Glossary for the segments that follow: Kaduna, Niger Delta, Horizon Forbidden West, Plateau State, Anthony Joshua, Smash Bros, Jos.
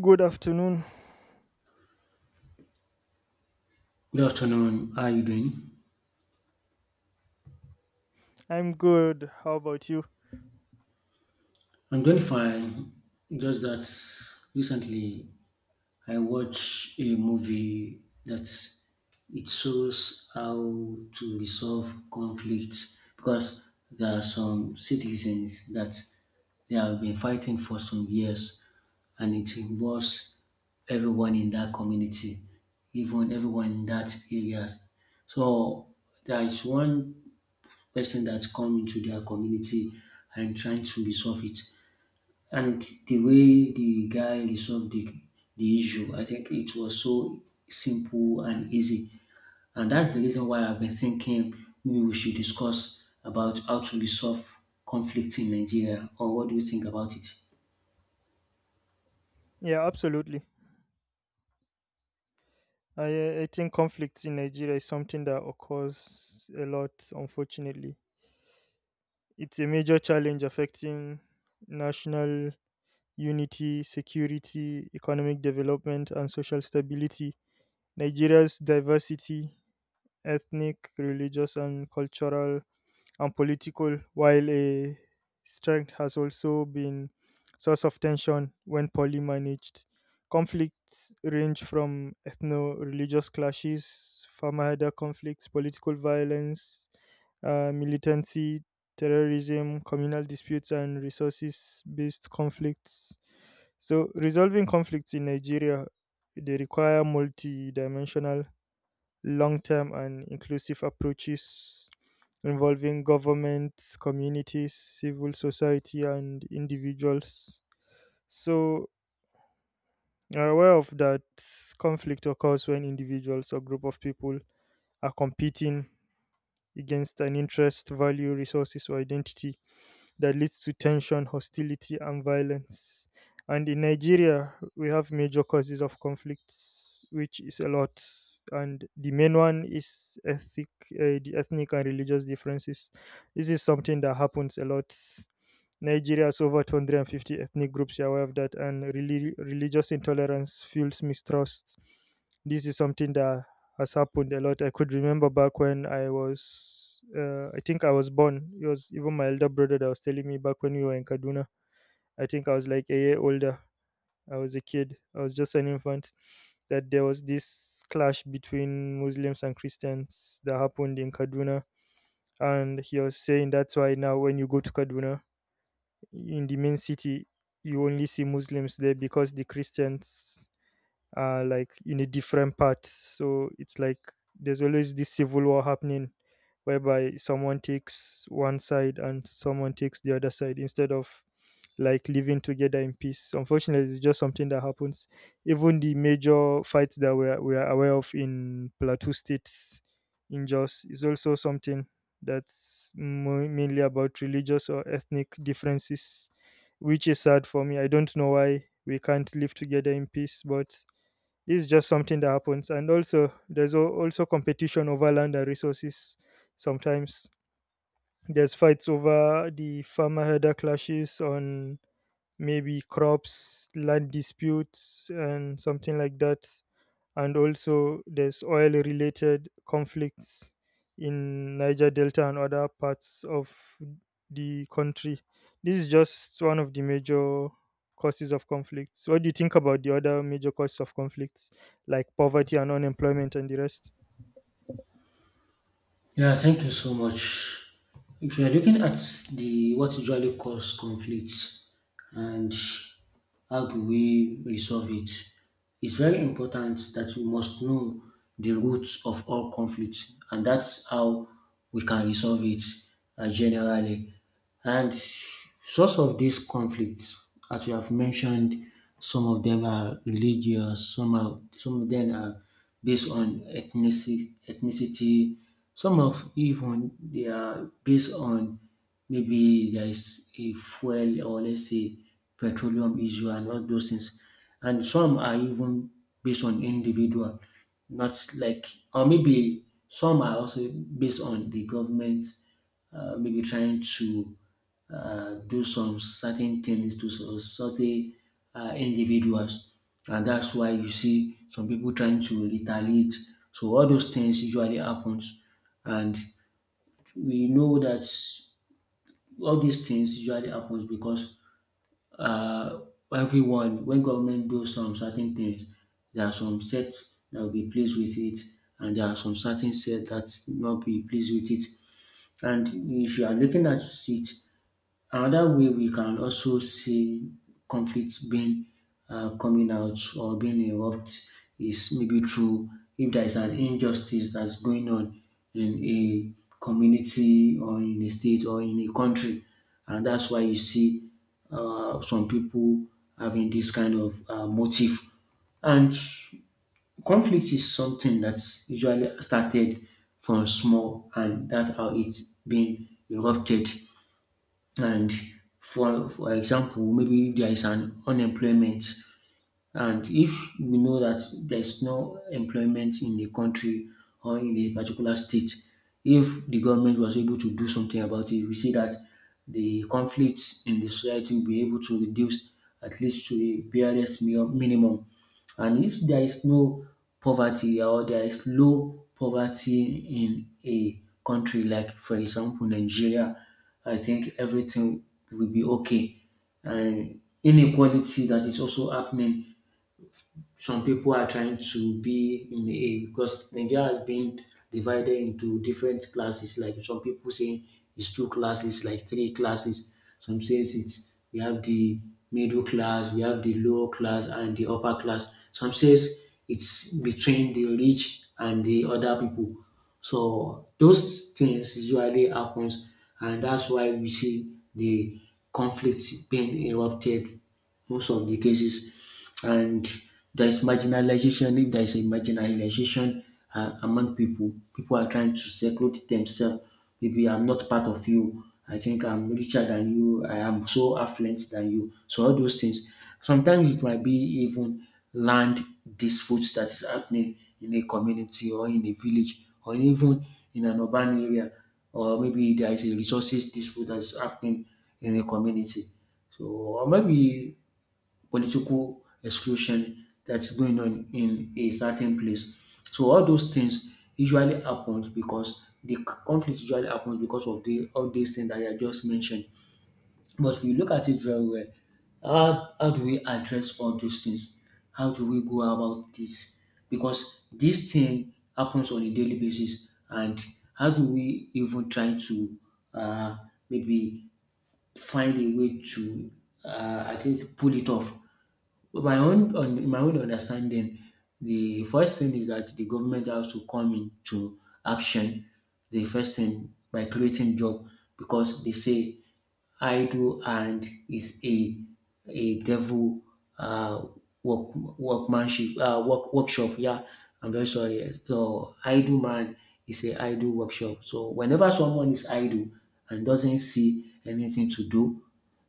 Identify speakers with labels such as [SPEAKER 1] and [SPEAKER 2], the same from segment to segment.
[SPEAKER 1] Good afternoon.
[SPEAKER 2] Good afternoon. How are you doing?
[SPEAKER 1] I'm good. How about you?
[SPEAKER 2] I'm doing fine. Just that recently I watched a movie that it shows how to resolve conflicts because there are some citizens that they have been fighting for some years and it involves everyone in that community, even everyone in that area. So there is one person that come into their community and trying to resolve it. And the way the guy resolved the issue, I think it was so simple and easy. And that's the reason why I've been thinking maybe we should discuss about how to resolve conflict in Nigeria, or what do you think about it?
[SPEAKER 1] Yeah, absolutely. I think conflict in Nigeria is something that occurs a lot, unfortunately. It's a major challenge affecting national unity, security, economic development, and social stability. Nigeria's diversity, ethnic, religious, and cultural and political, while a strength has also been source of tension when poorly managed. Conflicts range from ethno-religious clashes, famahada conflicts, political violence, militancy, terrorism, communal disputes, and resources-based conflicts. So, resolving conflicts in Nigeria they require multi-dimensional, long term and inclusive approaches involving governments, communities, civil society, and individuals. So, are aware of that conflict occurs when individuals or group of people are competing against an interest, value, resources, or identity that leads to tension, hostility, and violence. And in Nigeria, we have major causes of conflicts, which is a lot. And the main one is ethnic, the ethnic and religious differences. This is something that happens a lot. Nigeria has over 250 ethnic groups, you're aware of that, and religious intolerance fuels mistrust. This is something that has happened a lot. I could remember back when I was, I think I was born. It was even my elder brother that was telling me back when we were in Kaduna. I think I was like a year older. I was a kid, I was just an infant. That there was this clash between Muslims and Christians that happened in Kaduna. And he was saying that's why now when you go to Kaduna, in the main city you only see Muslims there because the Christians like in a different part. So it's like there's always this civil war happening whereby someone takes one side and someone takes the other side instead of like living together in peace. Unfortunately, it's just something that happens. Even the major fights that we are aware of in Plateau State in Jos is also something that's mainly about religious or ethnic differences, which is sad for me. I don't know why we can't live together in peace, but this is just something that happens. And also there's also competition over land and resources. Sometimes there's fights over the farmer herder clashes on maybe crops, land disputes and something like that, and also there's oil related conflicts in Niger Delta and other parts of the country. This is just one of the major causes of conflicts. What do you think about the other major causes of conflicts, like poverty and unemployment and the rest?
[SPEAKER 2] Yeah, thank you so much. If you are looking at the what usually cause conflicts, and how do we resolve it, it's very important that we must know the roots of all conflicts, and that's how we can resolve it, generally. And source of these conflicts, as you have mentioned, some of them are religious, some of them are based on ethnicity, ethnicity. Some of even they are based on, maybe there is a fuel, or let's say petroleum issue and all those things. And some are even based on individual, not like or maybe some are also based on the government, maybe trying to do some certain things to some certain individuals, and that's why you see some people trying to retaliate. So all those things usually happens, and we know that all these things usually happens because uh, everyone, when government do some certain things, there are some set that will be pleased with it, and there are some certain set that not be pleased with it. And if you are looking at it, another way we can also see conflict being coming out or being erupt is maybe through, if there is an injustice that's going on in a community or in a state or in a country, and that's why you see some people having this kind of motive. And conflict is something that's usually started from small, and that's how it's been erupted. And for example, maybe if there is an unemployment, and if we know that there's no employment in a country or in a particular state, if the government was able to do something about it, we see that the conflicts in the society will be able to reduce at least to a barest minimum. And if there is no poverty, or there is low poverty in a country like, for example, Nigeria, I think everything will be okay. And inequality that is also happening, some people are trying to be in a, because Nigeria has been divided into different classes. Like some people saying it's two classes, like three classes. Some says it's, we have the middle class, we have the lower class, and the upper class. Some says it's between the rich and the other people. So those things usually happens, and that's why we see the conflict being erupted most of the cases. And there is marginalization. If there is a marginalization among people, people are trying to seclude themselves. Maybe I'm not part of you. I think I'm richer than you. I am so affluent than you. So all those things. Sometimes it might be even land disputes that is happening in a community or in a village or even in an urban area, or maybe there is a resources dispute that is happening in a community. So, or maybe political exclusion that's going on in a certain place. So all those things usually happens, because the conflict usually happens because of the all these things that I just mentioned. But if you look at it very well, how do we address all those things? How do we go about this? Because this thing happens on a daily basis, and how do we even try to uh, maybe find a way to at least pull it off. But my own, on in my own understanding, the first thing is that the government has to come into action. The first thing by creating job, because they say idle hand is a devil uh, workmanship, workshop. Yeah, I'm very sorry. Yes. So idle man is a idle workshop. So whenever someone is idle and doesn't see anything to do,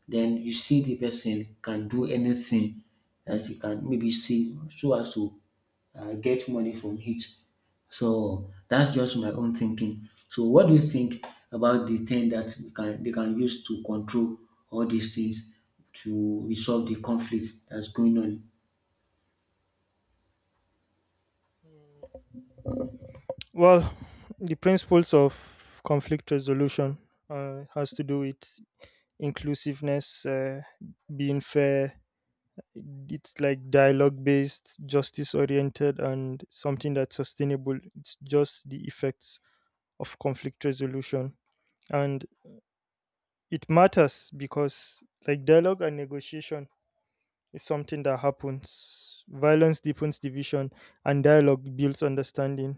[SPEAKER 2] then you see the person can do anything as you can, maybe save so as to get money from it. So that's just my own thinking. So what do you think about the thing that we can they can use to control all these things, to resolve the conflict that's going on?
[SPEAKER 1] Well, the principles of conflict resolution has to do with inclusiveness, being fair. It's like dialogue based, justice oriented, and something that's sustainable. It's just the effects of conflict resolution. And it matters because like dialogue and negotiation is something that happens. Violence deepens division and dialogue builds understanding.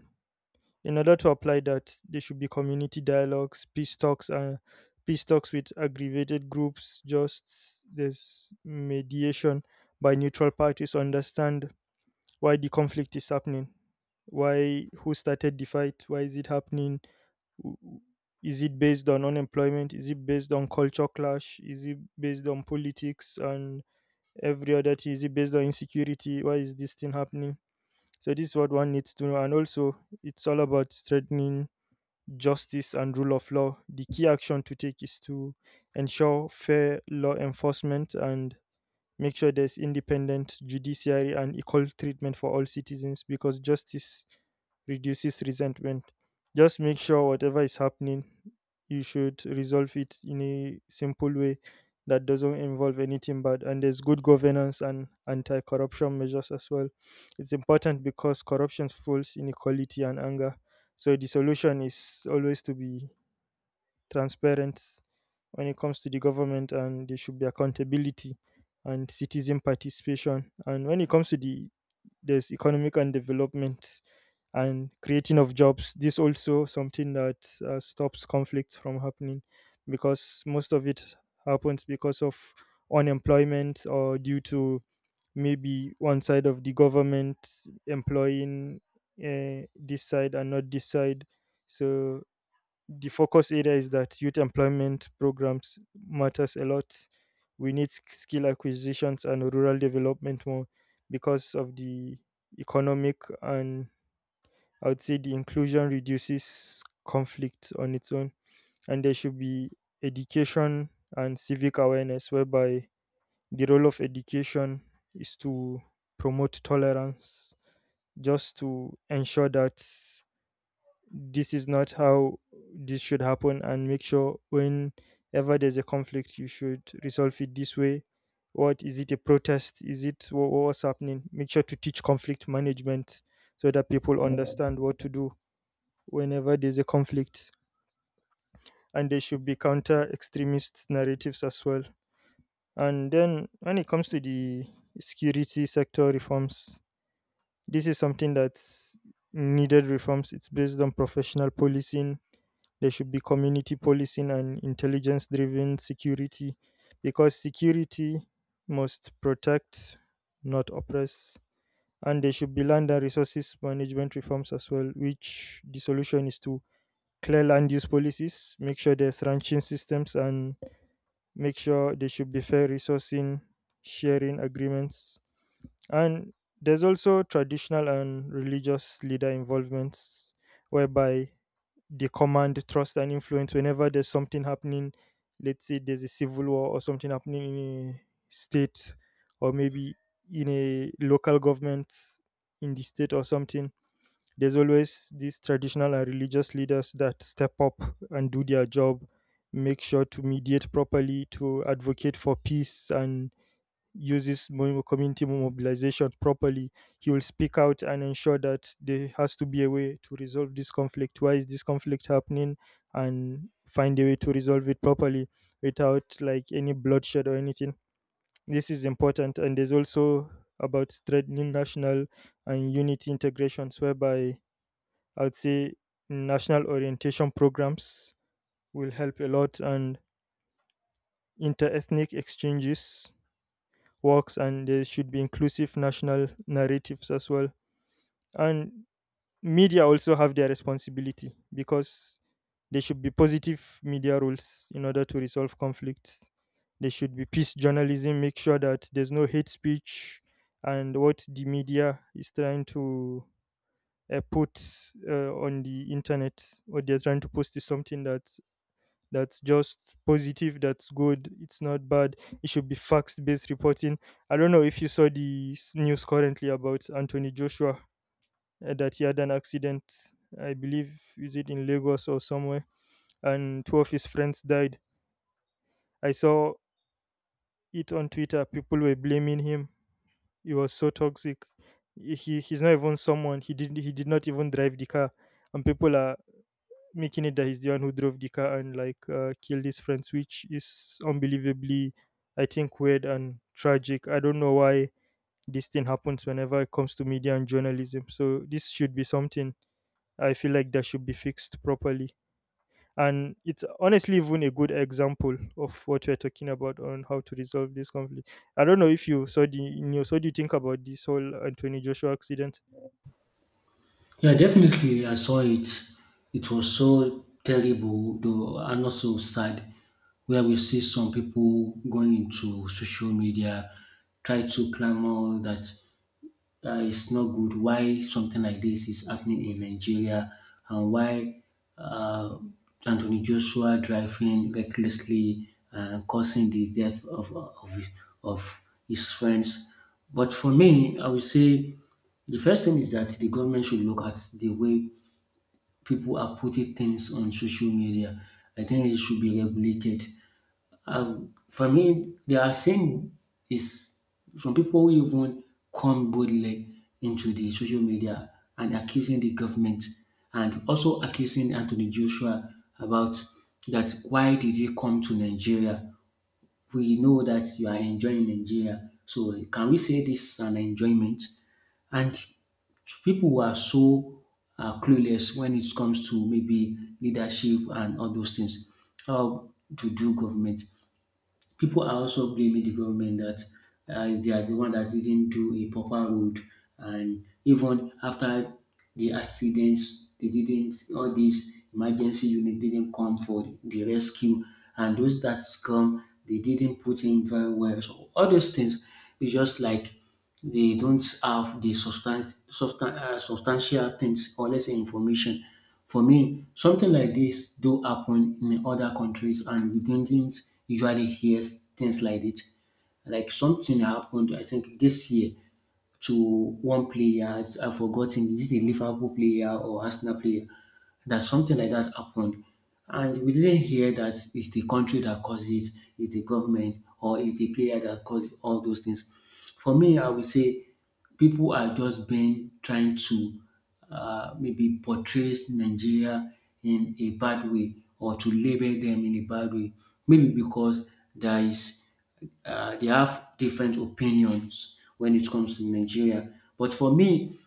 [SPEAKER 1] In order to apply that, there should be community dialogues, peace talks, and peace talks with aggravated groups. Just there's mediation by neutral parties to understand why the conflict is happening, why, who started the fight, why is it happening? W- Is it based on unemployment? Is it based on culture clash? Is it based on politics and every other thing? Is it based on insecurity? Why is this thing happening? So this is what one needs to know. And also it's all about strengthening justice and rule of law. The key action to take is to ensure fair law enforcement and make sure there's independent judiciary and equal treatment for all citizens because justice reduces resentment. Just make sure whatever is happening, you should resolve it in a simple way that doesn't involve anything bad. And there's good governance and anti corruption measures as well. It's important because corruption fuels inequality and anger. So the solution is always to be transparent when it comes to the government, and there should be accountability and citizen participation. And when it comes to the, there's economic and development and creating of jobs, this also something that stops conflicts from happening because most of it happens because of unemployment or due to maybe one side of the government employing this side and not this side. So the focus area is that youth employment programs matters a lot. We need skill acquisitions and rural development more because of the economic and, I would say, the inclusion reduces conflict on its own. And there should be education and civic awareness, whereby the role of education is to promote tolerance, just to ensure that this is not how this should happen, and make sure whenever there's a conflict you should resolve it this way. What is it, a protest? Is it what's happening? Make sure to teach conflict management so that people understand what to do whenever there's a conflict. And there should be counter extremist narratives as well. And then when it comes to the security sector reforms, this is something that's needed. Reforms, it's based on professional policing. There should be community policing and intelligence driven security because security must protect, not oppress. And there should be land and resources management reforms as well, which the solution is to clear land use policies, make sure there's ranching systems, and make sure there should be fair resourcing, sharing agreements. And there's also traditional and religious leader involvements whereby they command trust and influence. Whenever there's something happening, let's say there's a civil war or something happening in a state, or maybe in a local government in the state or something, there's always these traditional and religious leaders that step up and do their job. Make sure to mediate properly, to advocate for peace, and uses community mobilization properly. He will speak out and ensure that there has to be a way to resolve this conflict. Why is this conflict happening? And find a way to resolve it properly without like any bloodshed or anything. This is important. And there's also about strengthening national and unity integrations, whereby, I would say, national orientation programs will help a lot, and inter ethnic exchanges works, and there should be inclusive national narratives as well. And media also have their responsibility because there should be positive media rules in order to resolve conflicts. There should be peace journalism, make sure that there's no hate speech, and what the media is trying to put on the internet, what they're trying to post is something that that's just positive, that's good, it's not bad. It should be facts based reporting. I don't know if you saw the news currently about Anthony Joshua that he had an accident, I believe, is it in Lagos or somewhere, and two of his friends died. I saw it on Twitter. People were blaming him. He was so toxic. He's not even someone. He did not even drive the car, and people are making it that he's the one who drove the car and like killed his friends, which is unbelievably, I think, weird and tragic. I don't know why this thing happens whenever it comes to media and journalism. So this should be something, I feel like, that should be fixed properly, and it's honestly even a good example of what we're talking about on how to resolve this conflict. I don't know if you saw the news. What do you think about this whole Anthony Joshua accident?
[SPEAKER 2] Yeah, definitely I saw it. It was so terrible though, and also sad, where we see some people going into social media try to clamor that it's not good why something like this is happening in Nigeria, and why uh, Anthony Joshua driving recklessly and causing the death of his friends. But for me, I would say the first thing is that the government should look at the way people are putting things on social media. I think it should be regulated. For me, there are saying is, some people who even come boldly into the social media and accusing the government, and also accusing Anthony Joshua, about that, why did you come to Nigeria? We know that you are enjoying Nigeria. So can we say this is an enjoyment? And people who are so clueless when it comes to maybe leadership and all those things, how to do government. People are also blaming the government that they are the one that didn't do a proper road, and even after the accidents, they didn't, all these emergency unit didn't come for the rescue, and those that come, they didn't put in very well. So all those things is just like, they don't have the substance, substantial things, or let's say information. For me, something like this do happen in other countries, and we didn't usually hear things like it. Like something happened, I think this year, to one player. I've forgotten, is it a Liverpool player or Arsenal player that something like that happened, and we didn't hear that it's the country that caused it, it's the government, or it's the player that caused all those things. For me, I would say people are just been trying to maybe portray Nigeria in a bad way, or to label them in a bad way. Maybe because there is they have different opinions when it comes to Nigeria. But for me,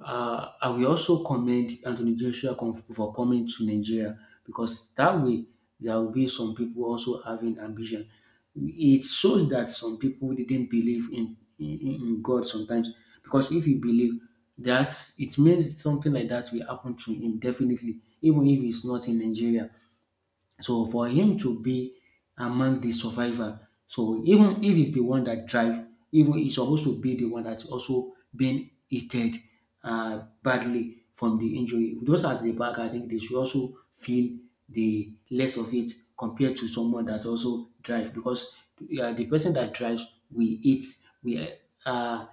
[SPEAKER 2] I will also commend Anthony Joshua for coming to Nigeria, because that way there will be some people also having ambition. It shows that some people didn't believe in God sometimes, because if you believe that, it means something like that will happen to him definitely, even if he's not in Nigeria. So for him to be among the survivor, so even if he's the one that drive, even he's supposed to be the one that's also being hit badly from the injury. Those at the back, I think they should also feel the less of it compared to someone that also drive, because the person that drives, we eat we uh,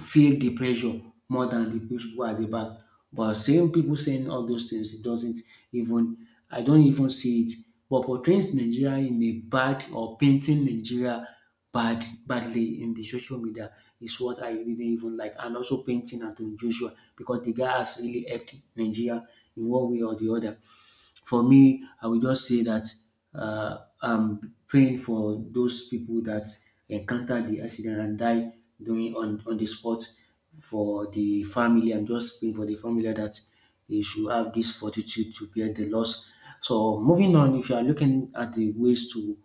[SPEAKER 2] feel the pressure more than the people who are at the back. But seeing people saying all those things, it doesn't even I don't even see it. But portraying Nigeria in a bad, or painting Nigeria badly in the social media, is what I didn't even like. And also painting Anthony Joshua, because the guy has really helped Nigeria in one way or the other. For me, I will just say that I'm praying for those people that encounter the accident and die during, on the spot. For the family, I'm just praying for the family that they should have this fortitude to bear the loss. So moving on, if you are looking at the ways to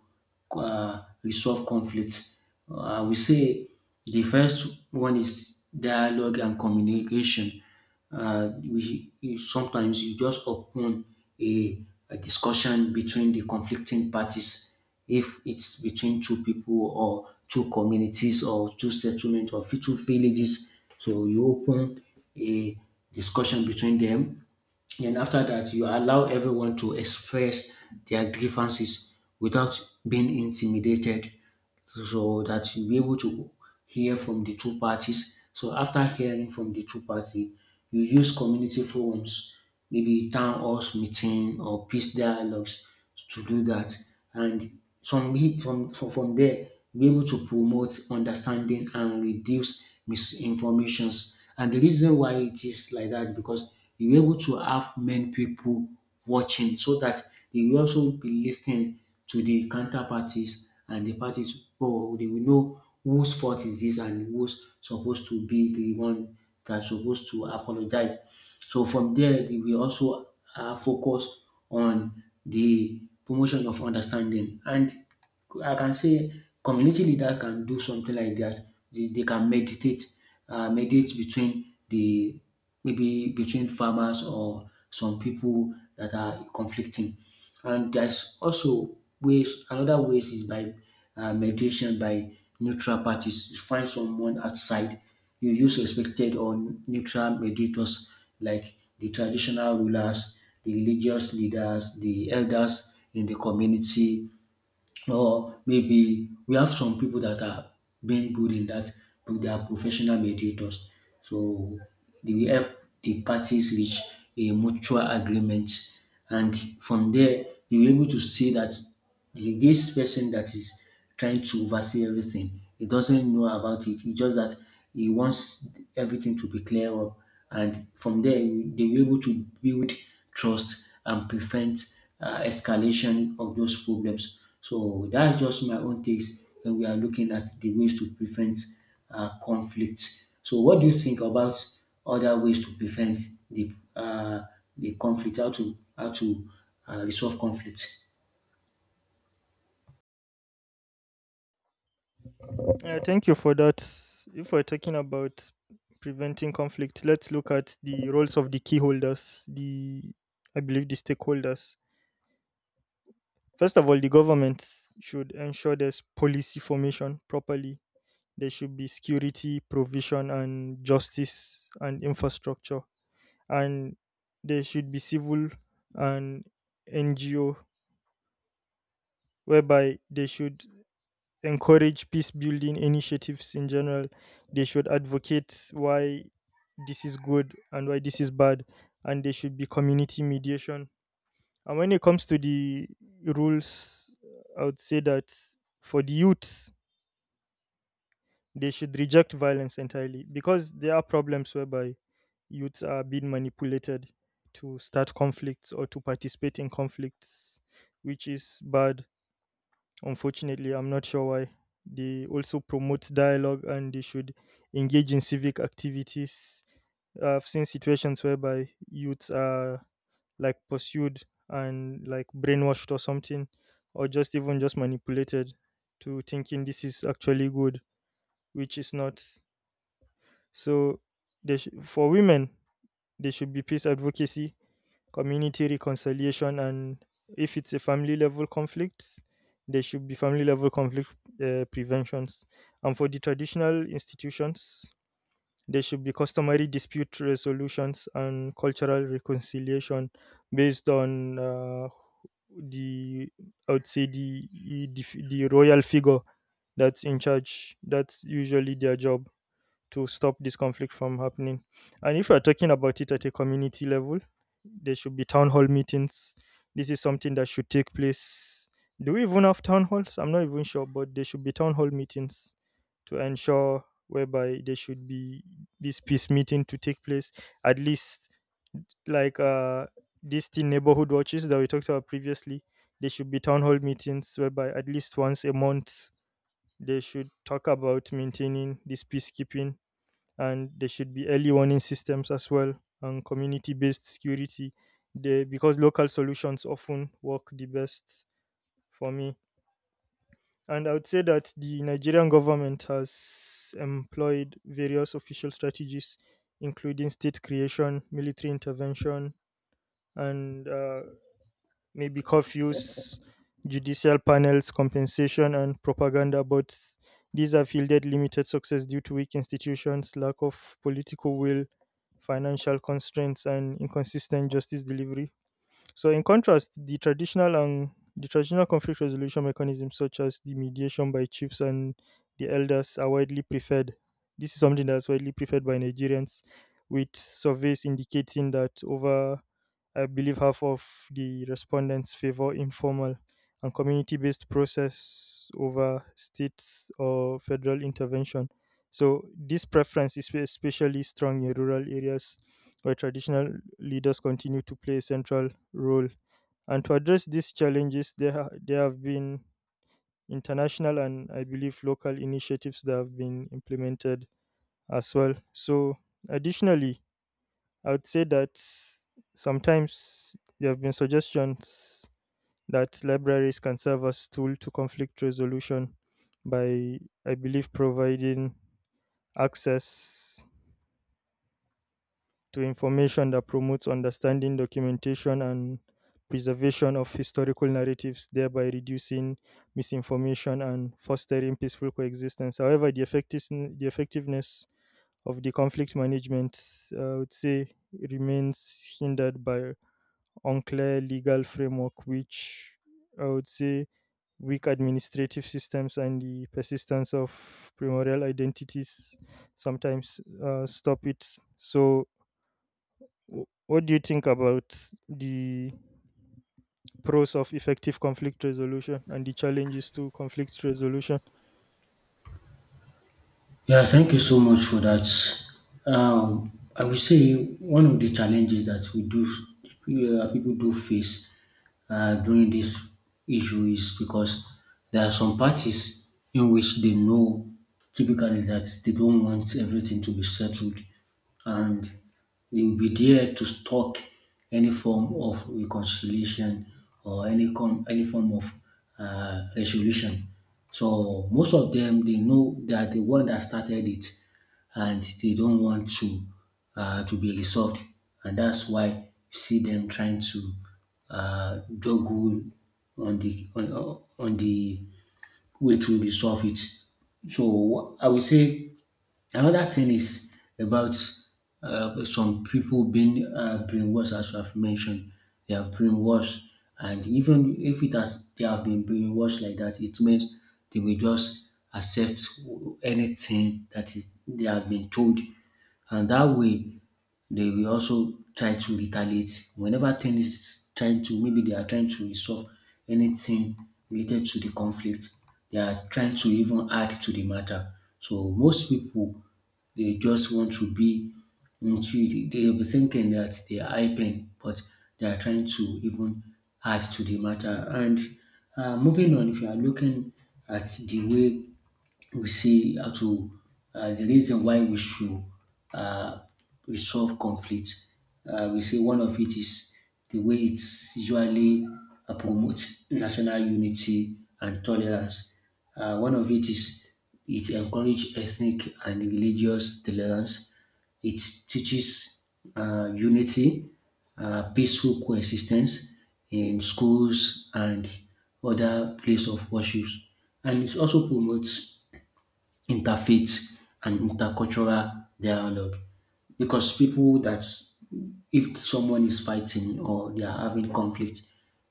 [SPEAKER 2] resolve conflicts. I will say the first one is dialogue and communication. Sometimes you just open a, a discussion between the conflicting parties, if it's between two people, or two communities, or two settlements, or two villages. So you open a discussion between them, and after that, you allow everyone to express their grievances without being intimidated, so that you'll be able to hear from the two parties. So after hearing from the two parties, you use community forums, maybe town halls meeting or peace dialogues to do that. And from we- from there, be able to promote understanding and reduce misinformations. And the reason why it is like that, because you're able to have many people watching, so that they will also be listening to the counterparties and the parties. Oh, they will know whose fault is this and who's supposed to be the one that's supposed to apologize. So from there, they will also focus on the promotion of understanding. And I can say community leader can do something like that. They can mediate between the maybe between farmers or some people that are conflicting. And there's also ways. Another ways is by mediation by neutral parties. You find someone outside. You use respected or neutral mediators like the traditional rulers, the religious leaders, the elders in the community, or maybe we have some people that are being good in that, but they are professional mediators. So they will help the parties reach a mutual agreement, and from there they will able to see that this person that is trying to oversee everything. He doesn't know about it. It's just that he wants everything to be clear up. And from there, they'll be able to build trust and prevent escalation of those problems. So that's just my own takes when we are looking at the ways to prevent conflict. So what do you think about other ways to prevent the uh, the conflict? How to resolve conflict?
[SPEAKER 1] Yeah, thank you for that. If we're talking about preventing conflict, let's look at the roles of the key holders, the, I believe, the stakeholders. First of all, the government should ensure there's policy formation properly. There should be security, provision and justice and infrastructure. And there should be civil and NGO whereby they should encourage peace building initiatives in general. They should advocate why this is good and why this is bad, and there should be community mediation. And when it comes to the rules, I would say that for the youth, they should reject violence entirely because there are problems whereby youths are being manipulated to start conflicts or to participate in conflicts, which is bad. Unfortunately, I'm not sure why. They also promote dialogue and they should engage in civic activities. I've seen situations whereby youths are like pursued and like brainwashed or something, or just even just manipulated to thinking this is actually good, which is not. So, they for women, there should be peace advocacy, community reconciliation, and if it's a family level conflicts, there should be family level conflict preventions. And for the traditional institutions, there should be customary dispute resolutions and cultural reconciliation based on the, I would say, the the royal figure that's in charge. That's usually their job to stop this conflict from happening. And if we're talking about it at a community level, there should be town hall meetings. This is something that should take place. Do we even have town halls? I'm not even sure, but there should be town hall meetings to ensure whereby there should be this peace meeting to take place. At least like these teen neighborhood watches that we talked about previously, there should be town hall meetings whereby at least once a month they should talk about maintaining this peacekeeping. And there should be early warning systems as well and community based security, the, because local solutions often work the best for me. And I would say that the Nigerian government has employed various official strategies, including state creation, military intervention, and maybe curfews, judicial panels, compensation, and propaganda. But these have yielded limited success due to weak institutions, lack of political will, financial constraints, and inconsistent justice delivery. So in contrast, the traditional conflict resolution mechanisms such as the mediation by chiefs and the elders are widely preferred. This is something that's widely preferred by Nigerians, with surveys indicating that over, I believe, half of the respondents favor informal and community based process over state or federal intervention. So, this preference is especially strong in rural areas where traditional leaders continue to play a central role. And to address these challenges, there, there have been international and, I believe, local initiatives that have been implemented as well. So, additionally, I would say that sometimes there have been suggestions that libraries can serve as tool to conflict resolution by, I believe, providing access to information that promotes understanding, documentation, and preservation of historical narratives, thereby reducing misinformation and fostering peaceful coexistence. However, the effectiveness of the conflict management, I would say, remains hindered by unclear legal framework, which, I would say, weak administrative systems and the persistence of primordial identities sometimes stop it. So, what do you think about the pros of effective conflict resolution and the challenges to conflict resolution?
[SPEAKER 2] Yeah, thank you so much for that. I would say one of the challenges that people do face during this issue is because there are some parties in which they know typically that they don't want everything to be settled, and we will be there to stop any form of reconciliation or any form of resolution. So most of them, they know they are the one that started it, and they don't want to be resolved, and that's why you see them trying to juggle on the way to resolve it. So I would say another thing is about some people being brainwashed, as I've mentioned. They are brainwashed, and even if it has they have been brainwashed like that, it means they will just accept anything that is they have been told, and that way they will also try to retaliate. Whenever things is maybe they are trying to resolve anything related to the conflict, they are trying to even add to the matter. So most people, they just want to be into it. They'll be thinking that they are hyping, but they are trying to even add to the matter. And moving on, if you are looking at the way we see how to the reason why we should uh, resolve conflict. We see one of it is the way it's usually promotes national unity and tolerance. One of it is, it encourages ethnic and religious tolerance. It teaches unity, peaceful coexistence in schools and other places of worship, and it also promotes interfaith and intercultural dialogue. Because people that if someone is fighting or they are having conflict,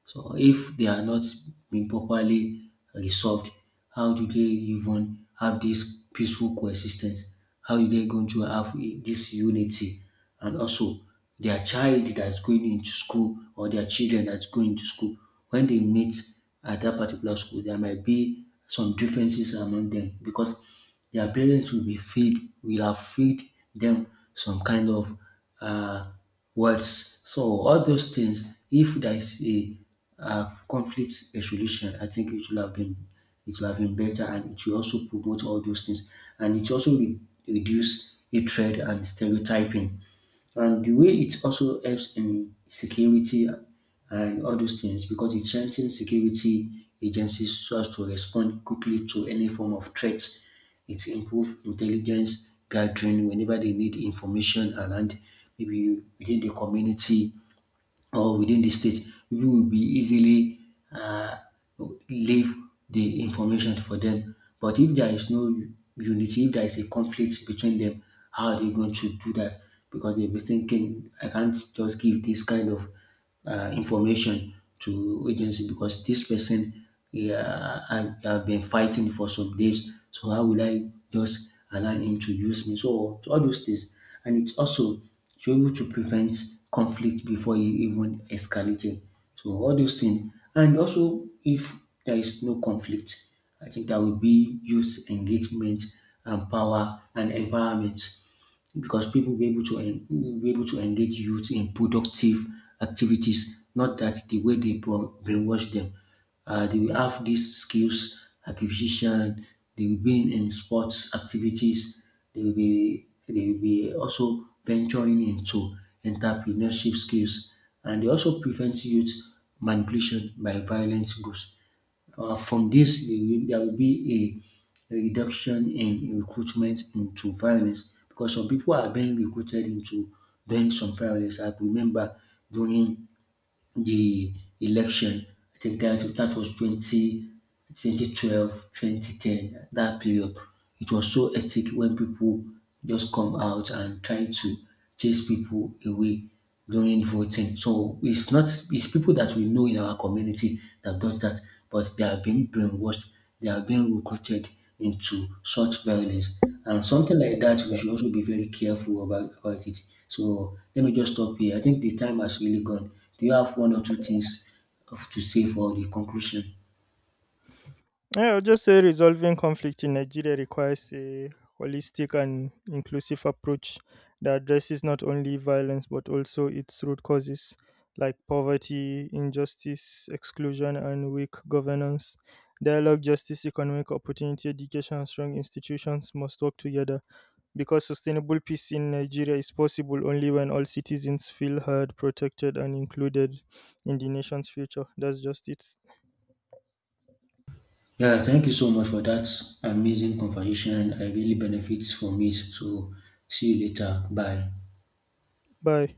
[SPEAKER 2] so if they are not being properly resolved, how do they even have this peaceful coexistence? How are they going to have this unity? And also, their child that's going into school, or their children that's going to school, when they meet at that particular school, there might be some differences among them, because their parents will have feed them some kind of uh, words. So all those things, if there is a conflict resolution, I think it will have been better, and it will also promote all those things. And it also reduce hatred and stereotyping. And the way it also helps in security and all those things, because it strengthens security agencies so as to respond quickly to any form of threats. It improves intelligence gathering whenever they need information around, maybe within the community or within the state, people will be easily uh, leave the information for them. But if there is no unity, if there is a conflict between them, how are they going to do that? Because they'll be thinking, I can't just give this kind of information to agency, because this person, yeah, I have been fighting for some days. So how will I just allow him to use me? So to all those things. And it's also to able to prevent conflict before it even escalating. So all those things. And also, if there is no conflict, I think that will be youth engagement and power and environment, because people will be able to engage youth in productive activities. Not that the way they brainwash them, they will have these skills acquisition. They will be in sports activities. They will be also venturing into entrepreneurship skills, and they also prevent youth manipulation by violent groups. From this, there will be a a reduction in recruitment into violence, because some people are being recruited into doing some violence. I could remember during the election, I think that was 20 Twenty twelve, twenty ten. 2010, that period. It was so hectic when people just come out and try to chase people away during voting. So it's not, it's people that we know in our community that does that, but they are being brainwashed, they are being recruited into such violence. And something like that, we should also be very careful about it. So let me just stop here. I think the time has really gone. Do you have one or two things to say for the conclusion?
[SPEAKER 1] Yeah, I'll just say resolving conflict in Nigeria requires a holistic and inclusive approach that addresses not only violence but also its root causes like poverty, injustice, exclusion, and weak governance. Dialogue, justice, economic opportunity, education, and strong institutions must work together because sustainable peace in Nigeria is possible only when all citizens feel heard, protected, and included in the nation's future. That's just it.
[SPEAKER 2] Yeah, thank you so much for that amazing conversation. I really benefit from it. So see you later. Bye.
[SPEAKER 1] Bye.